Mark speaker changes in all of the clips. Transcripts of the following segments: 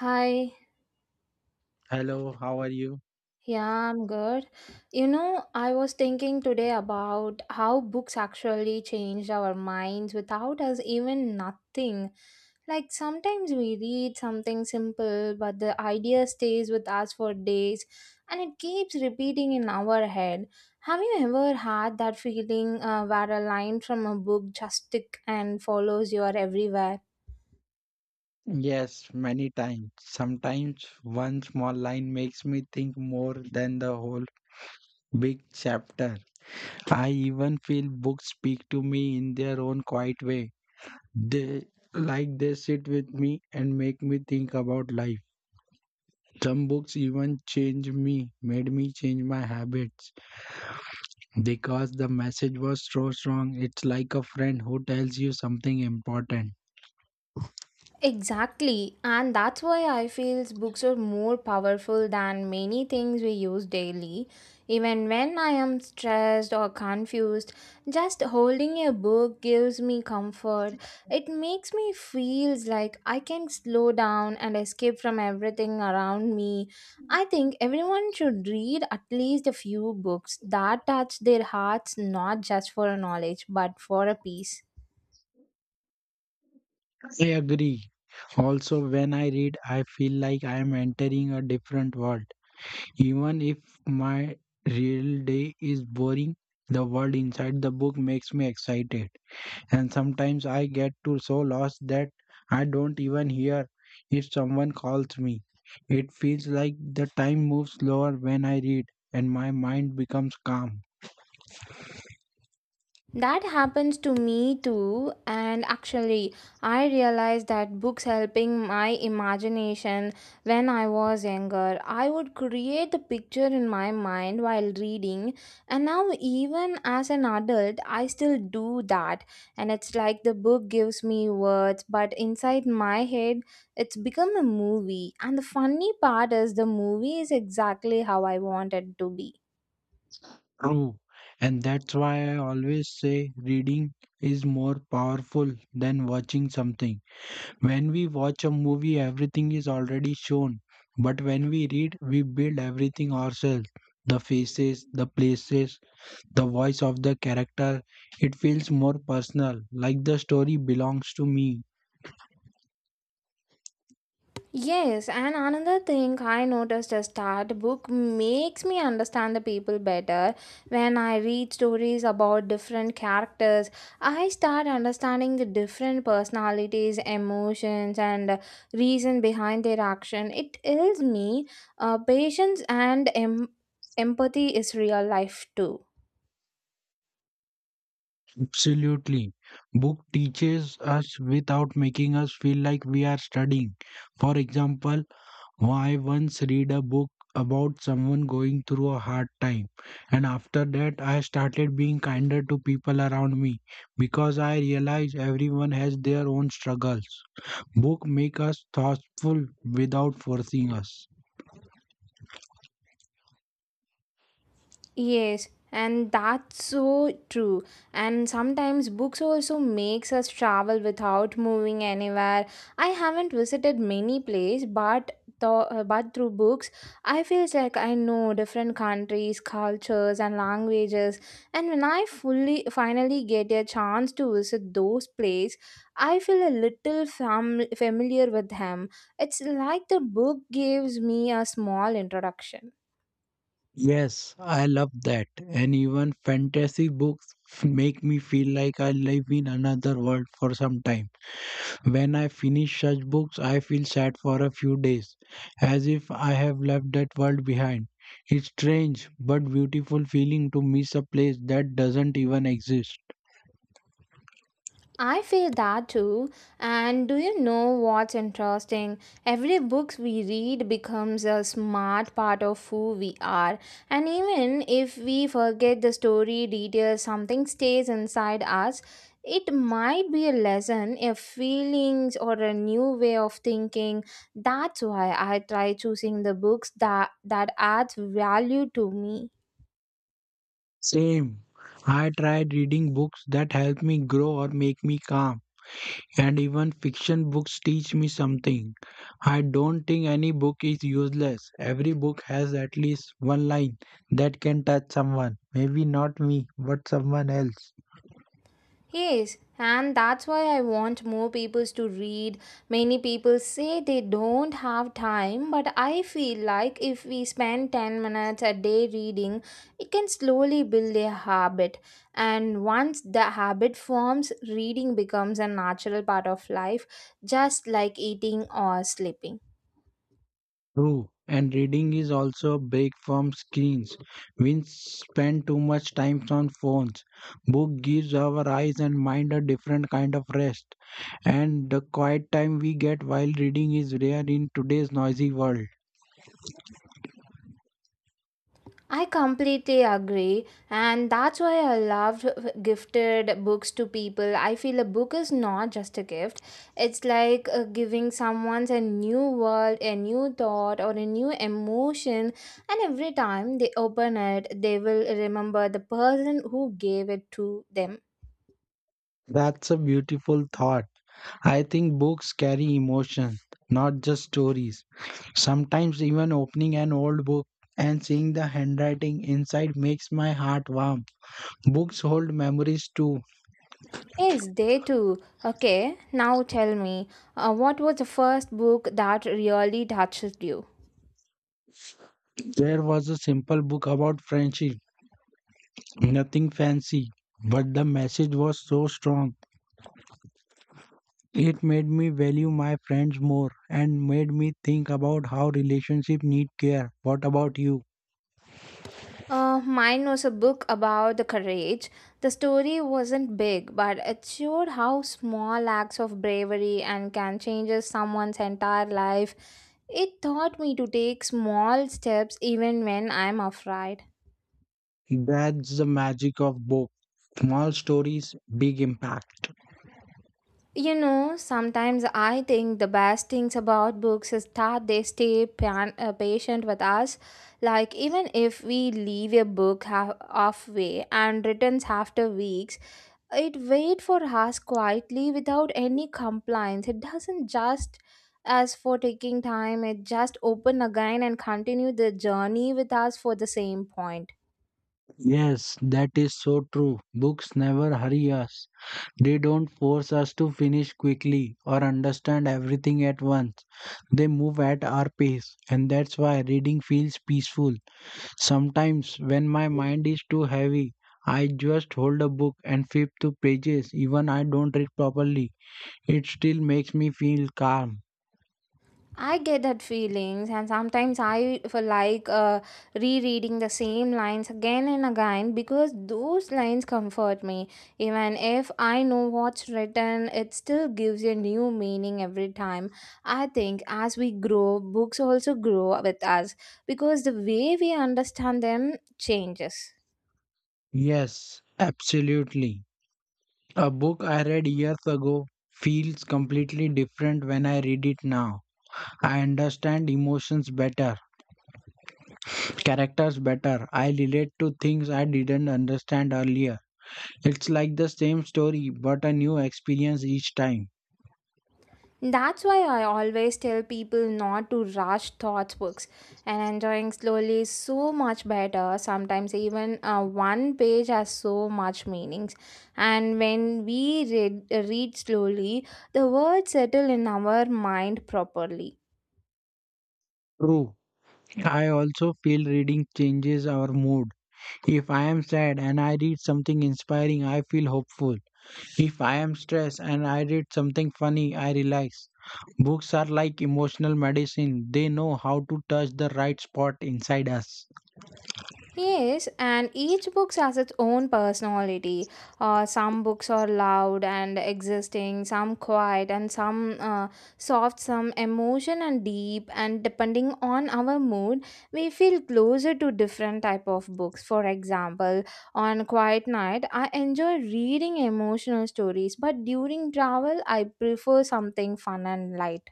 Speaker 1: Hi,
Speaker 2: Hello, how are you?
Speaker 1: yeah, I'm good. You know, I was thinking today about how books actually changed our minds without us even nothing. Like sometimes we read something simple, but the idea stays with us for days and it keeps repeating in our head. Have you ever had that feeling where a line from a book just stick and follows you everywhere?
Speaker 2: Yes, many times. Sometimes one small line makes me think more than the whole big chapter. I even feel books speak to me in their own quiet way. They they sit with me and make me think about life. Some books even change me, made me change my habits because the message was so strong. It's like a friend who tells you something important.
Speaker 1: Exactly, and that's why I feel books are more powerful than many things we use daily. Even when I am stressed or confused, just holding a book gives me comfort. It makes me feels like I can slow down and escape from everything around me. I think everyone should read at least a few books that touch their hearts not just for knowledge but for a peace.
Speaker 2: I agree. Also, when I read, I feel like I am entering a different world. Even if my real day is boring, the world inside the book makes me excited. And sometimes I get to so lost that I don't even hear if someone calls me. It feels like the time moves slower when I read and my mind becomes calm.
Speaker 1: That happens to me too, and actually, I realized that books helping my imagination when I was younger. I would create the picture in my mind while reading, and now, even as an adult, I still do that. And it's like the book gives me words, but inside my head, it's become a movie. And the funny part is, the movie is exactly how I want it to be.
Speaker 2: True. And that's why I always say reading is more powerful than watching something. When we watch a movie, everything is already shown. But when we read, we build everything ourselves, the faces, the places, the voice of the character. It feels more personal, like the story belongs to me.
Speaker 1: Yes, and another thing I noticed is that book makes me understand the people better. When I read stories about different characters, I start understanding the different personalities, emotions, and reason behind their action. It tells me patience and empathy is real life too.
Speaker 2: Absolutely. Book teaches us without making us feel like we are studying. For example, I once read a book about someone going through a hard time, and after that, I started being kinder to people around me because I realized everyone has their own struggles. Book make us thoughtful without forcing us.
Speaker 1: Yes, and that's so true. And sometimes books also makes us travel without moving anywhere. I haven't visited many places, but the but through books, I feel like I know different countries, cultures, and languages. And when I fully finally get a chance to visit those places, I feel a little familiar with them. It's like the book gives me a small introduction.
Speaker 2: Yes, I love that. And even fantasy books make me feel like I live in another world for some time. When I finish such books, I feel sad for a few days, as if I have left that world behind. It's strange but beautiful feeling to miss a place that doesn't even exist.
Speaker 1: I feel that too. And do you know what's interesting? Every book we read becomes a smart part of who we are. And even if we forget the story details, something stays inside us. It might be a lesson, a feelings or a new way of thinking. That's why I try choosing the books that adds value to me.
Speaker 2: Same. I tried reading books that help me grow or make me calm, and even fiction books teach me something. I don't think any book is useless. Every book has at least one line that can touch someone. Maybe not me, but someone else.
Speaker 1: Yes, and that's why I want more people to read. Many people say they don't have time, but I feel like if we spend 10 minutes a day reading, it can slowly build a habit. And once the habit forms, reading becomes a natural part of life, just like eating or sleeping.
Speaker 2: True, and reading is also a break from screens. We spend too much time on phones. Book gives our eyes and mind a different kind of rest, and the quiet time we get while reading is rare in today's noisy world.
Speaker 1: I completely agree, and that's why I loved gifted books to people. I feel a book is not just a gift, it's like giving someone a new world, a new thought, or a new emotion. And every time they open it, they will remember the person who gave it to them.
Speaker 2: That's a beautiful thought. I think books carry emotion, not just stories. Sometimes even opening an old book and seeing the handwriting inside makes my heart warm. Books hold memories too.
Speaker 1: Yes, they too. Okay, now tell me, what was the first book that really touched you?
Speaker 2: There was a simple book about friendship, nothing fancy, but the message was so strong. It made me value my friends more and made me think about how relationships need care. What about you?
Speaker 1: Mine was a book about the courage. The story wasn't big, but it showed how small acts of bravery and can change someone's entire life. It taught me to take small steps even when I'm afraid.
Speaker 2: That's the magic of book. Small stories, big impact.
Speaker 1: You know, sometimes I think the best things about books is that they stay patient with us. Like, even if we leave a book halfway and returns after weeks, it wait for us quietly without any compliance it doesn't just ask for taking time it just open again and continue the journey with us for the same point.
Speaker 2: Yes, that is so true. Books never hurry us. They don't force us to finish quickly or understand everything at once. They move at our pace, and that's why reading feels peaceful. Sometimes, when my mind is too heavy, I just hold a book and flip through pages, even I don't read properly. It still makes me feel calm.
Speaker 1: I get that feelings, and sometimes I feel like rereading the same lines again and again because those lines comfort me. Even if I know what's written, it still gives a new meaning every time. I think as we grow, books also grow with us because the way we understand them changes.
Speaker 2: Yes, absolutely. A book I read years ago feels completely different when I read it now. I understand emotions better, characters better. I relate to things I didn't understand earlier. It's like the same story, but a new experience each time.
Speaker 1: That's why I always tell people not to rush thoughts books and enjoying slowly is so much better. Sometimes even one page has so much meanings. And when we read slowly, the words settle in our mind properly.
Speaker 2: True. I also feel reading changes our mood. If I am sad and I read something inspiring, I feel hopeful. If I am stressed and I read something funny, I relax. Books are like emotional medicine, they know how to touch the right spot inside us.
Speaker 1: Yes, and each book has its own personality. Some books are loud and existing, some quiet, and some soft, some emotion and deep. And depending on our mood, we feel closer to different type of books. For example, on quiet night, I enjoy reading emotional stories, but during travel, I prefer something fun and light.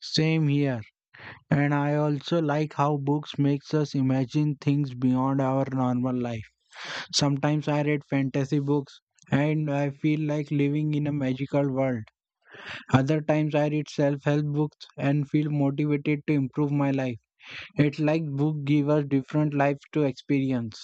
Speaker 2: Same here. And I also like how books makes us imagine things beyond our normal life. Sometimes I read fantasy books and I feel like living in a magical world. Other times I read self-help books and feel motivated to improve my life. It's like books give us different lives to experience.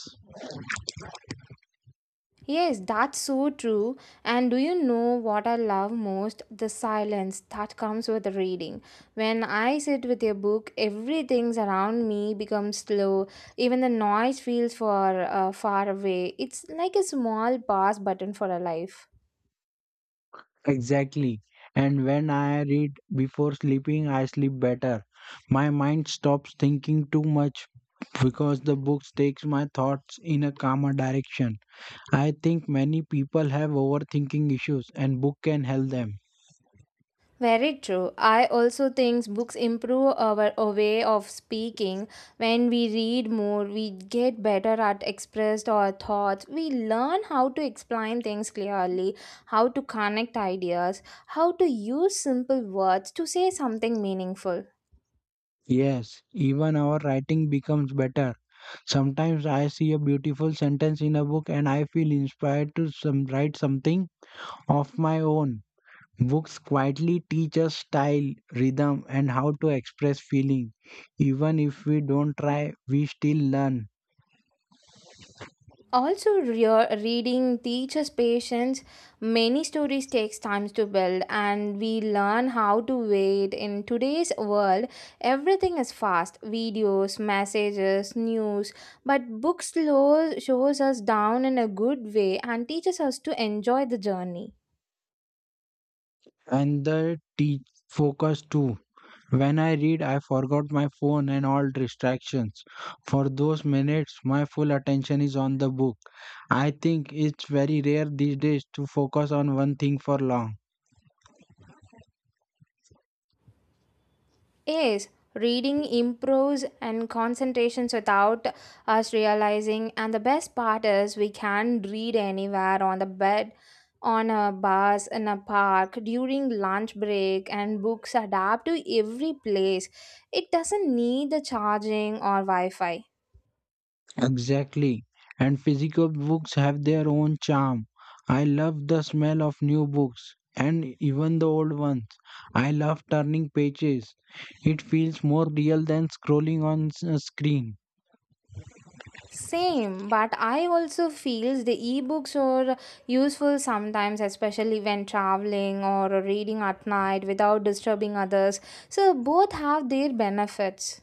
Speaker 1: Yes, that's so true. And do you know what I love most? The silence that comes with reading. When I sit with a book, everything around me becomes slow. Even the noise feels far away. It's like a small pause button for a life.
Speaker 2: Exactly. And when I read before sleeping, I sleep better. My mind stops thinking too much because the books takes my thoughts in a calmer direction. I think many people have overthinking issues and book can help them.
Speaker 1: Very true. I also think books improve our a way of speaking. When we read more, we get better at expressed our thoughts. We learn how to explain things clearly, how to connect ideas, how to use simple words to say something meaningful.
Speaker 2: Yes, even our writing becomes better. Sometimes I see a beautiful sentence in a book and I feel inspired to write something of my own. Books quietly teach us style, rhythm and how to express feeling. Even if we don't try, we still learn.
Speaker 1: Also, reading teaches patience. Many stories takes time to build, and we learn how to wait. In today's world, everything is fast: videos, messages, news. But book slow shows us down in a good way and teaches us to enjoy the journey.
Speaker 2: And the teach focus too. When I read, I forgot my phone and all distractions. For those minutes, my full attention is on the book. I think it's very rare these days to focus on one thing for long.
Speaker 1: Yes, reading improves and concentrations without us realizing. And the best part is we can read anywhere on the bed, on a bus, in a park, during lunch break, and books adapt to every place. It doesn't need the charging or Wi Fi.
Speaker 2: Exactly. And physical books have their own charm. I love the smell of new books and even the old ones. I love turning pages. It feels more real than scrolling on a screen.
Speaker 1: Same, but I also feels the ebooks are useful sometimes, especially when traveling or reading at night without disturbing others. So both have their benefits.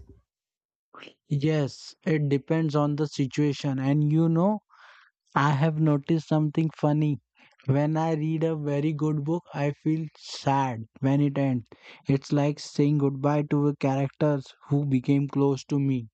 Speaker 2: Yes, it depends on the situation. And you know, I have noticed something funny. When I read a very good book, I feel sad when it ends. It's like saying goodbye to the characters who became close to me.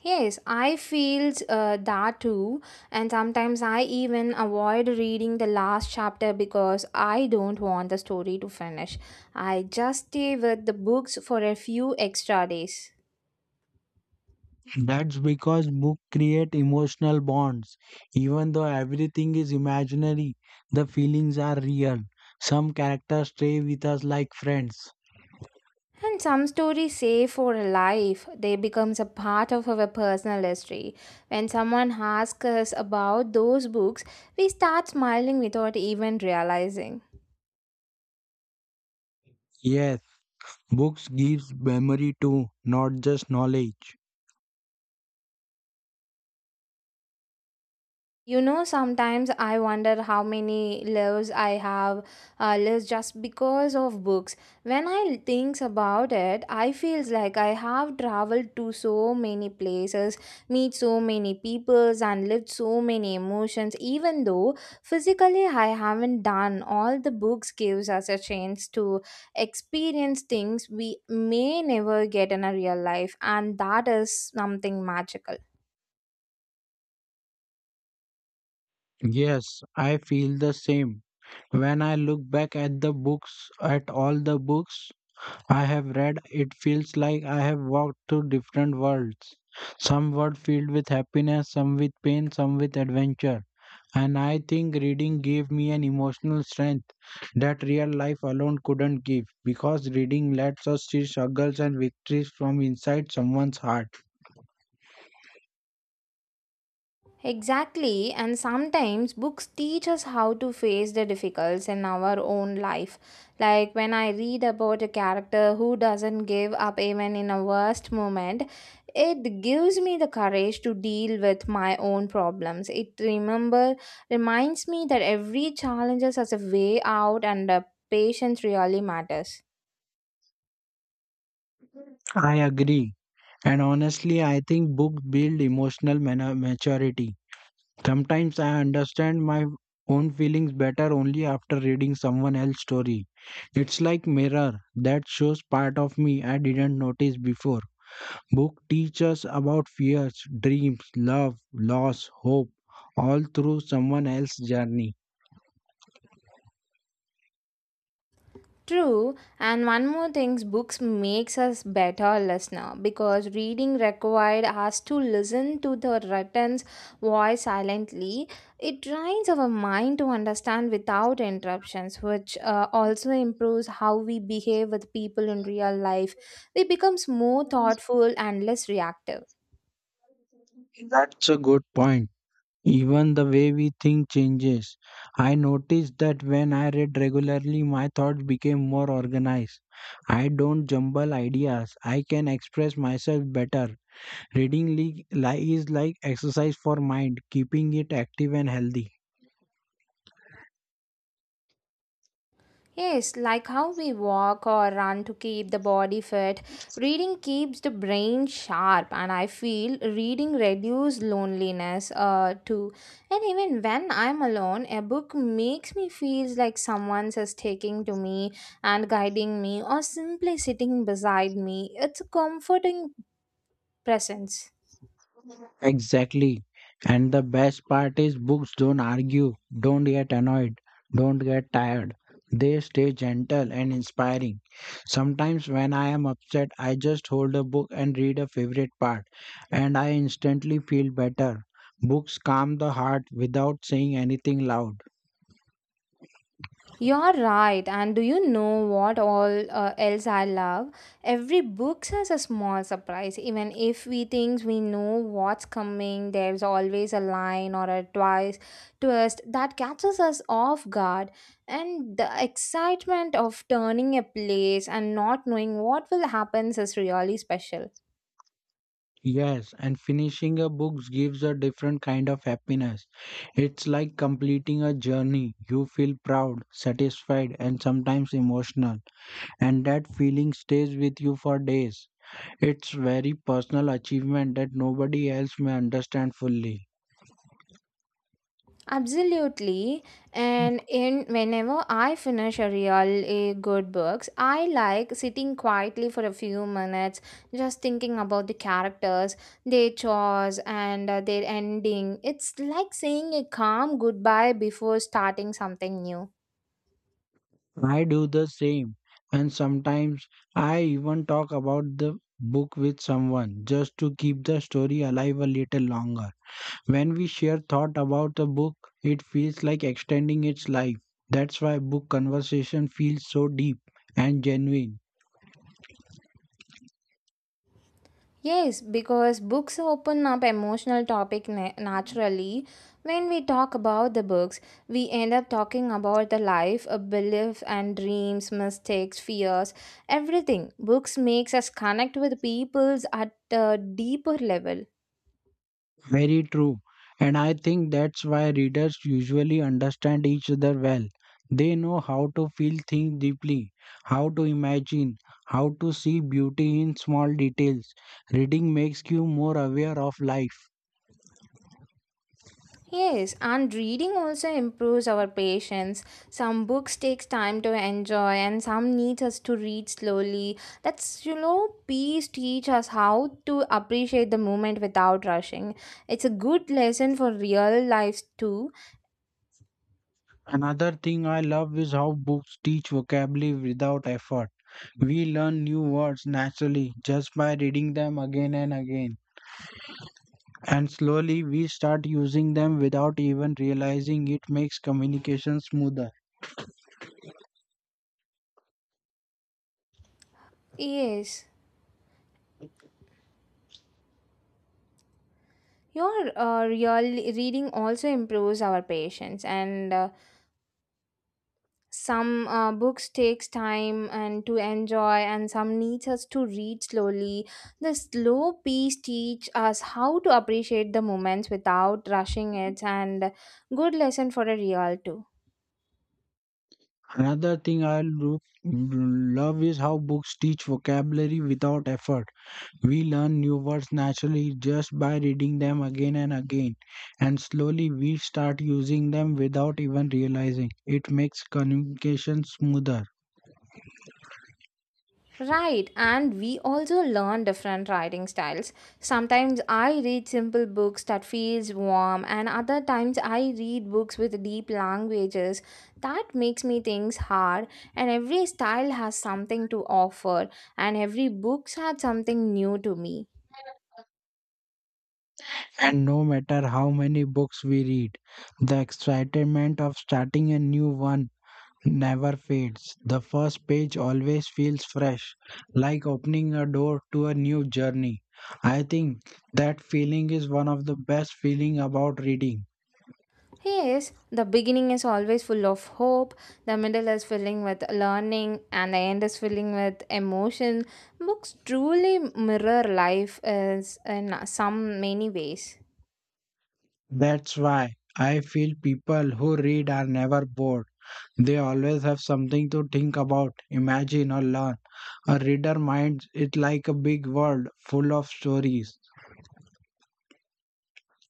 Speaker 1: Yes, I feels that too, and sometimes I even avoid reading the last chapter because I don't want the story to finish. I just stay with the books for a few extra days.
Speaker 2: That's because books create emotional bonds. Even though everything is imaginary, the feelings are real. Some characters stay with us like friends.
Speaker 1: And some stories say for a life, they becomes a part of our personal history. When someone asks us about those books, we start smiling without even realizing.
Speaker 2: Yes, books gives memory too, not just knowledge.
Speaker 1: You know, sometimes I wonder how many lives I have lives just because of books. When I think about it, I feels like I have traveled to so many places, meet so many peoples, and lived so many emotions. Even though physically I haven't done, all the books gives us a chance to experience things we may never get in a real life, and that is something magical.
Speaker 2: Yes, I feel the same. When I look back at the books, at all the books I have read, it feels like I have walked through different worlds. Some were filled with happiness, some with pain, some with adventure. And I think reading gave me an emotional strength that real life alone couldn't give because reading lets us see struggles and victories from inside someone's heart.
Speaker 1: Exactly, and sometimes books teach us how to face the difficulties in our own life. Like when I read about a character who doesn't give up even in a worst moment, it gives me the courage to deal with my own problems. It remember reminds me that every challenge has a way out and patience really matters.
Speaker 2: I agree. And honestly, I think books build emotional maturity. Sometimes I understand my own feelings better only after reading someone else's story. It's like mirror that shows part of me I didn't notice before. Book teaches about fears, dreams, love, loss, hope, all through someone else's journey.
Speaker 1: True, and one more thing, books makes us better listener because reading required us to listen to the written voice silently. It trains our mind to understand without interruptions, which also improves how we behave with people in real life. We becomes more thoughtful and less reactive.
Speaker 2: That's a good point. Even the way we think changes. I noticed that when I read regularly, my thoughts became more organized. I don't jumble ideas. I can express myself better. Reading is like exercise for mind, keeping it active and healthy.
Speaker 1: Yes, like how we walk or run to keep the body fit, reading keeps the brain sharp, and I feel reading reduces loneliness too. And even when I'm alone, a book makes me feel like someone's is taking to me and guiding me, or simply sitting beside me. It's a comforting presence.
Speaker 2: Exactly. And the best part is books don't argue, don't get annoyed, don't get tired. They stay gentle and inspiring. Sometimes when I am upset, I just hold a book and read a favorite part, and I instantly feel better. Books calm the heart without saying anything loud.
Speaker 1: You're right, and do you know what all else I love? Every book has a small surprise. Even if we think we know what's coming, there's always a line or a twice twist that catches us off guard. And the excitement of turning a place and not knowing what will happen is really special.
Speaker 2: Yes, and finishing a book gives a different kind of happiness. It's like completing a journey. You feel proud, satisfied, and sometimes emotional. And that feeling stays with you for days. It's very personal achievement that nobody else may understand fully.
Speaker 1: Absolutely. And in whenever I finish a real a good books, I like sitting quietly for a few minutes, just thinking about the characters, their chores, and their ending. It's like saying a calm goodbye before starting something new.
Speaker 2: I do the same, and sometimes I even talk about the book with someone just to keep the story alive a little longer. When we share thought about the book, it feels like extending its life. That's why book conversation feels so deep and genuine.
Speaker 1: Yes, because books open up emotional topic naturally. When we talk about the books, we end up talking about the life, a belief and dreams, mistakes, fears, everything. Books makes us connect with peoples at a deeper level.
Speaker 2: Very true. And I think that's why readers usually understand each other well. They know how to feel things deeply, how to imagine, how to see beauty in small details. Reading makes you more aware of life.
Speaker 1: Yes, and reading also improves our patience. Some books takes time to enjoy and some needs us to read slowly. That's you know, peace teach us how to appreciate the moment without rushing. It's a good lesson for real life too.
Speaker 2: Another thing I love is how books teach vocabulary without effort. We learn new words naturally just by reading them again and again. And slowly we start using them without even realizing it makes communication smoother.
Speaker 1: Yes. Your real reading also improves our patience and some books takes time and to enjoy and some needs us to read slowly the slow pace teach us how to appreciate the moments without rushing it and good lesson for a real too.
Speaker 2: Another thing I love is how books teach vocabulary without effort. We learn new words naturally just by reading them again and again, and slowly we start using them without even realizing. It makes communication smoother.
Speaker 1: Right, and we also learn different writing styles. Sometimes I read simple books that feels warm, and other times I read books with deep languages that makes me think hard. And every style has something to offer, and every book had something new to me.
Speaker 2: And no matter how many books we read, the excitement of starting a new one never fades. The first page always feels fresh, like opening a door to a new journey. I think that feeling is one of the best feeling about reading.
Speaker 1: Yes, the beginning is always full of hope, the middle is filling with learning, and the end is filling with emotion. Books truly mirror life is in some many ways.
Speaker 2: That's why I feel people who read are never bored. They always have something to think about, imagine or learn. A reader minds it like a big world full of stories.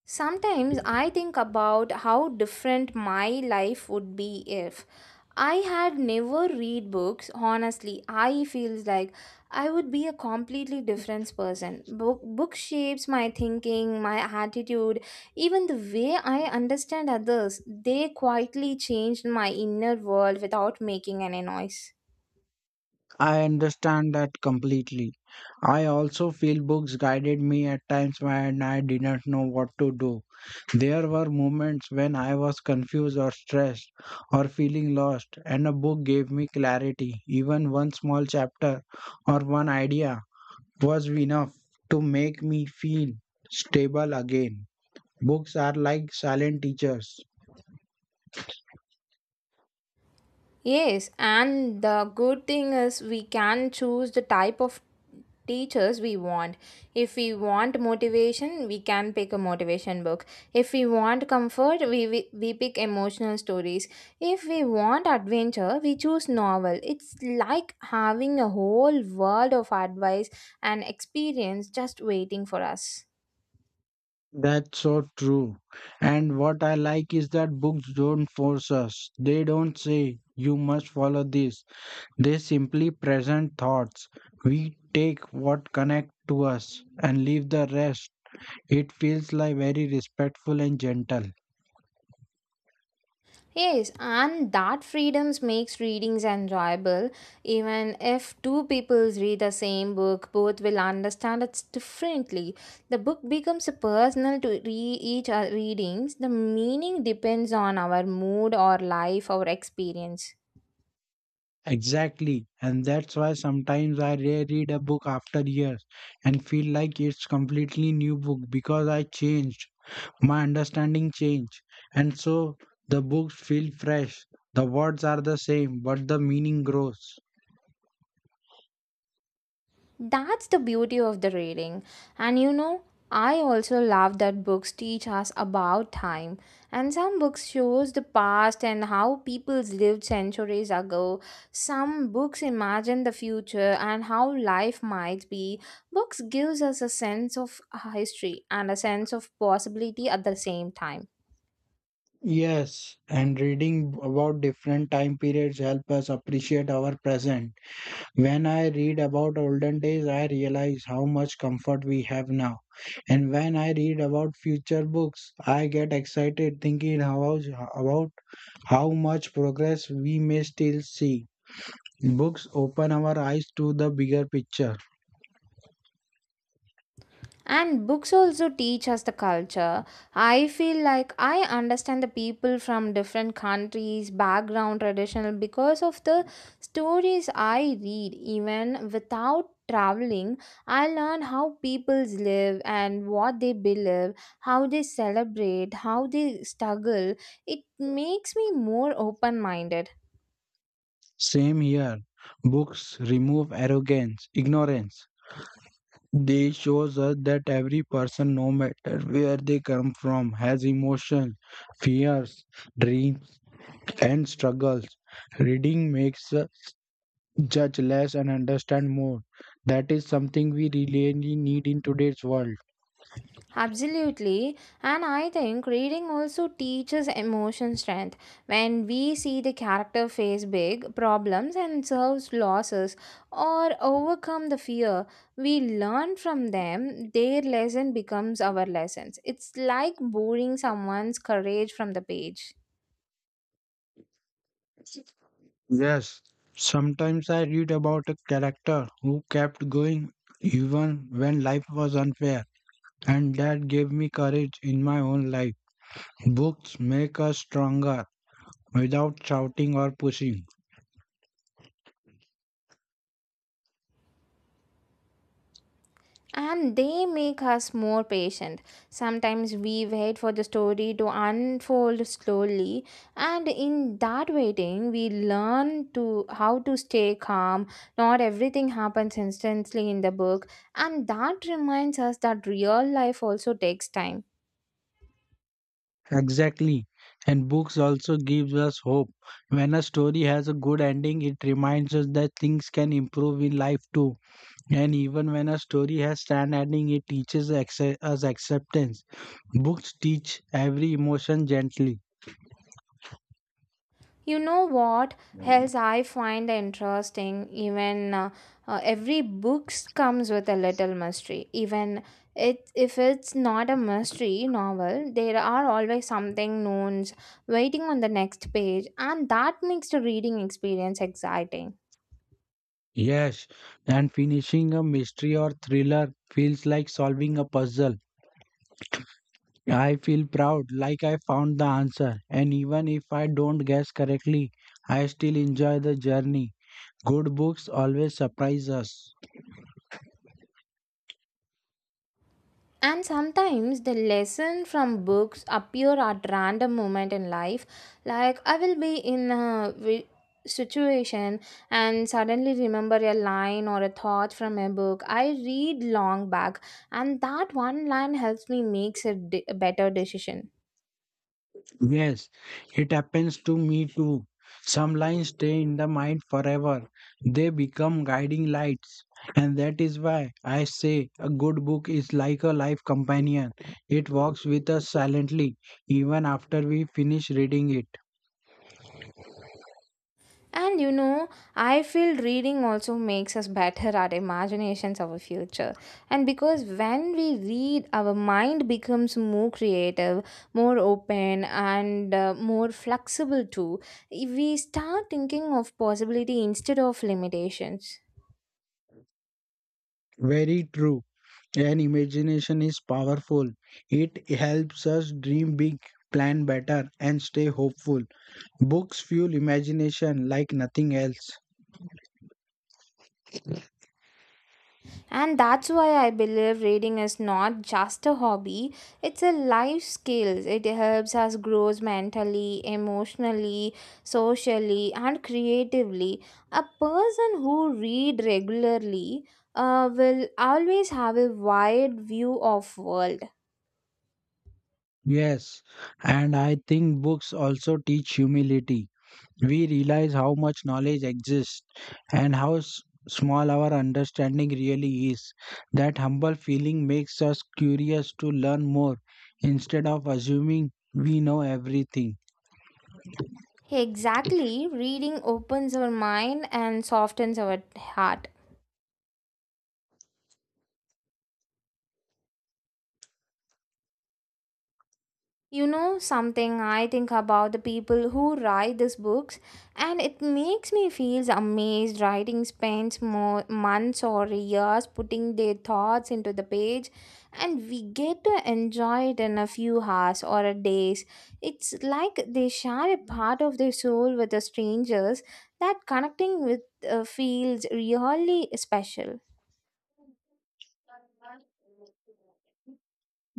Speaker 1: Sometimes I think about how different my life would be if I had never read books. Honestly, I feels like I would be a completely different person. Book shapes my thinking, my attitude, even the way I understand others. They quietly changed my inner world without making any noise.
Speaker 2: I understand that completely. I also feel books guided me at times when I didn't know what to do. There were moments when I was confused or stressed or feeling lost, and a book gave me clarity. Even one small chapter or one idea was enough to make me feel stable again. Books are like silent teachers.
Speaker 1: Yes, and the good thing is we can choose the type of teachers we want. If we want motivation, we can pick a motivation book. If we want comfort, we pick emotional stories. If we want adventure, we choose novel. It's like having a whole world of advice and experience just waiting for us.
Speaker 2: That's so true. And what I like is that books don't force us. They don't say, you must follow this. They simply present thoughts. We take what connect to us and leave the rest. It feels like very respectful and gentle.
Speaker 1: Yes, and that freedoms makes readings enjoyable. Even if two people read the same book, both will understand it differently. The book becomes personal to each readings. The meaning depends on our mood or life, our experience.
Speaker 2: Exactly. And that's why sometimes I reread a book after years and feel like it's completely new book because I changed my understanding changed, and so the books feel fresh. The words are the same, but the meaning grows.
Speaker 1: That's the beauty of the reading. And you know, I also love that books teach us about time. And some books shows the past and how peoples lived centuries ago. Some books imagine the future and how life might be. Books gives us a sense of history and a sense of possibility at the same time.
Speaker 2: Yes, and reading about different time periods help us appreciate our present. When I read about olden days, I realize how much comfort we have now. And when I read about future books, I get excited thinking about how much progress we may still see. Books open our eyes to the bigger picture.
Speaker 1: And books also teach us the culture. I feel like I understand the people from different countries, background, traditional because of the stories I read. Even without traveling, I learn how peoples live and what they believe, how they celebrate, how they struggle. It makes me more open minded.
Speaker 2: Same here. Books remove arrogance, ignorance. They shows us that every person, no matter where they come from, has emotions, fears, dreams, and struggles. Reading makes us judge less and understand more. That is something we really need in today's world.
Speaker 1: Absolutely, and I think reading also teaches emotion strength. When we see the character face big problems and serves losses or overcome the fear, we learn from them, their lesson becomes our lessons. It's like borrowing someone's courage from the page.
Speaker 2: Yes, sometimes I read about a character who kept going even when life was unfair, and that gave me courage in my own life. Books make us stronger without shouting or pushing.
Speaker 1: And they make us more patient. Sometimes we wait for the story to unfold slowly, and in that waiting, we learn to how to stay calm. Not everything happens instantly in the book, and that reminds us that real life also takes time.
Speaker 2: Exactly. And books also gives us hope. When a story has a good ending, it reminds us that things can improve in life too. And even when a story has sad ending, it teaches us acceptance. Books teach every emotion gently.
Speaker 1: You know what else I find interesting? Even every book comes with a little mystery. Even if it's not a mystery novel, there are always something knowns waiting on the next page, and that makes the reading experience exciting.
Speaker 2: Yes, and finishing a mystery or thriller feels like solving a puzzle. I feel proud, like I found the answer, and even if I don't guess correctly, I still enjoy the journey. Good books always surprise us.
Speaker 1: And sometimes the lesson from books appear at random moment in life. Like I will be in a situation and suddenly remember a line or a thought from a book I read long back, and that one line helps me makes a better decision.
Speaker 2: Yes, it happens to me too. Some lines stay in the mind forever, they become guiding lights. And that is why I say a good book is like a life companion. It walks with us silently, even after we finish reading it.
Speaker 1: And you know, I feel reading also makes us better at imaginations of a future. And because when we read, our mind becomes more creative, more open, and more flexible too. We start thinking of possibility instead of limitations.
Speaker 2: Very true. And imagination is powerful. It helps us dream big, plan better, and stay hopeful. Books fuel imagination like nothing else.
Speaker 1: And that's why I believe reading is not just a hobby, it's a life skill. It helps us grow mentally, emotionally, socially, and creatively. A person who read regularly will always have a wide view of world.
Speaker 2: Yes, and I think books also teach humility. We realize how much knowledge exists and how small our understanding really is. That humble feeling makes us curious to learn more instead of assuming we know everything.
Speaker 1: Exactly, reading opens our mind and softens our heart. You know something I think about the people who write these books and it makes me feel amazed writing spends more months or years putting their thoughts into the page and we get to enjoy it in a few hours or a days. It's like they share a part of their soul with the strangers that connecting with feels really special.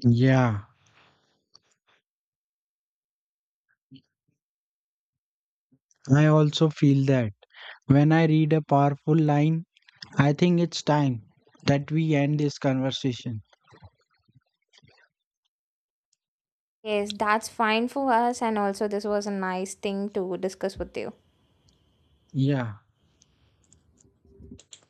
Speaker 2: Yeah, I also feel that. When I read a powerful line, I think it's time that we end this conversation.
Speaker 1: Yes, that's fine for us and also this was a nice thing to discuss with you.
Speaker 2: Yeah.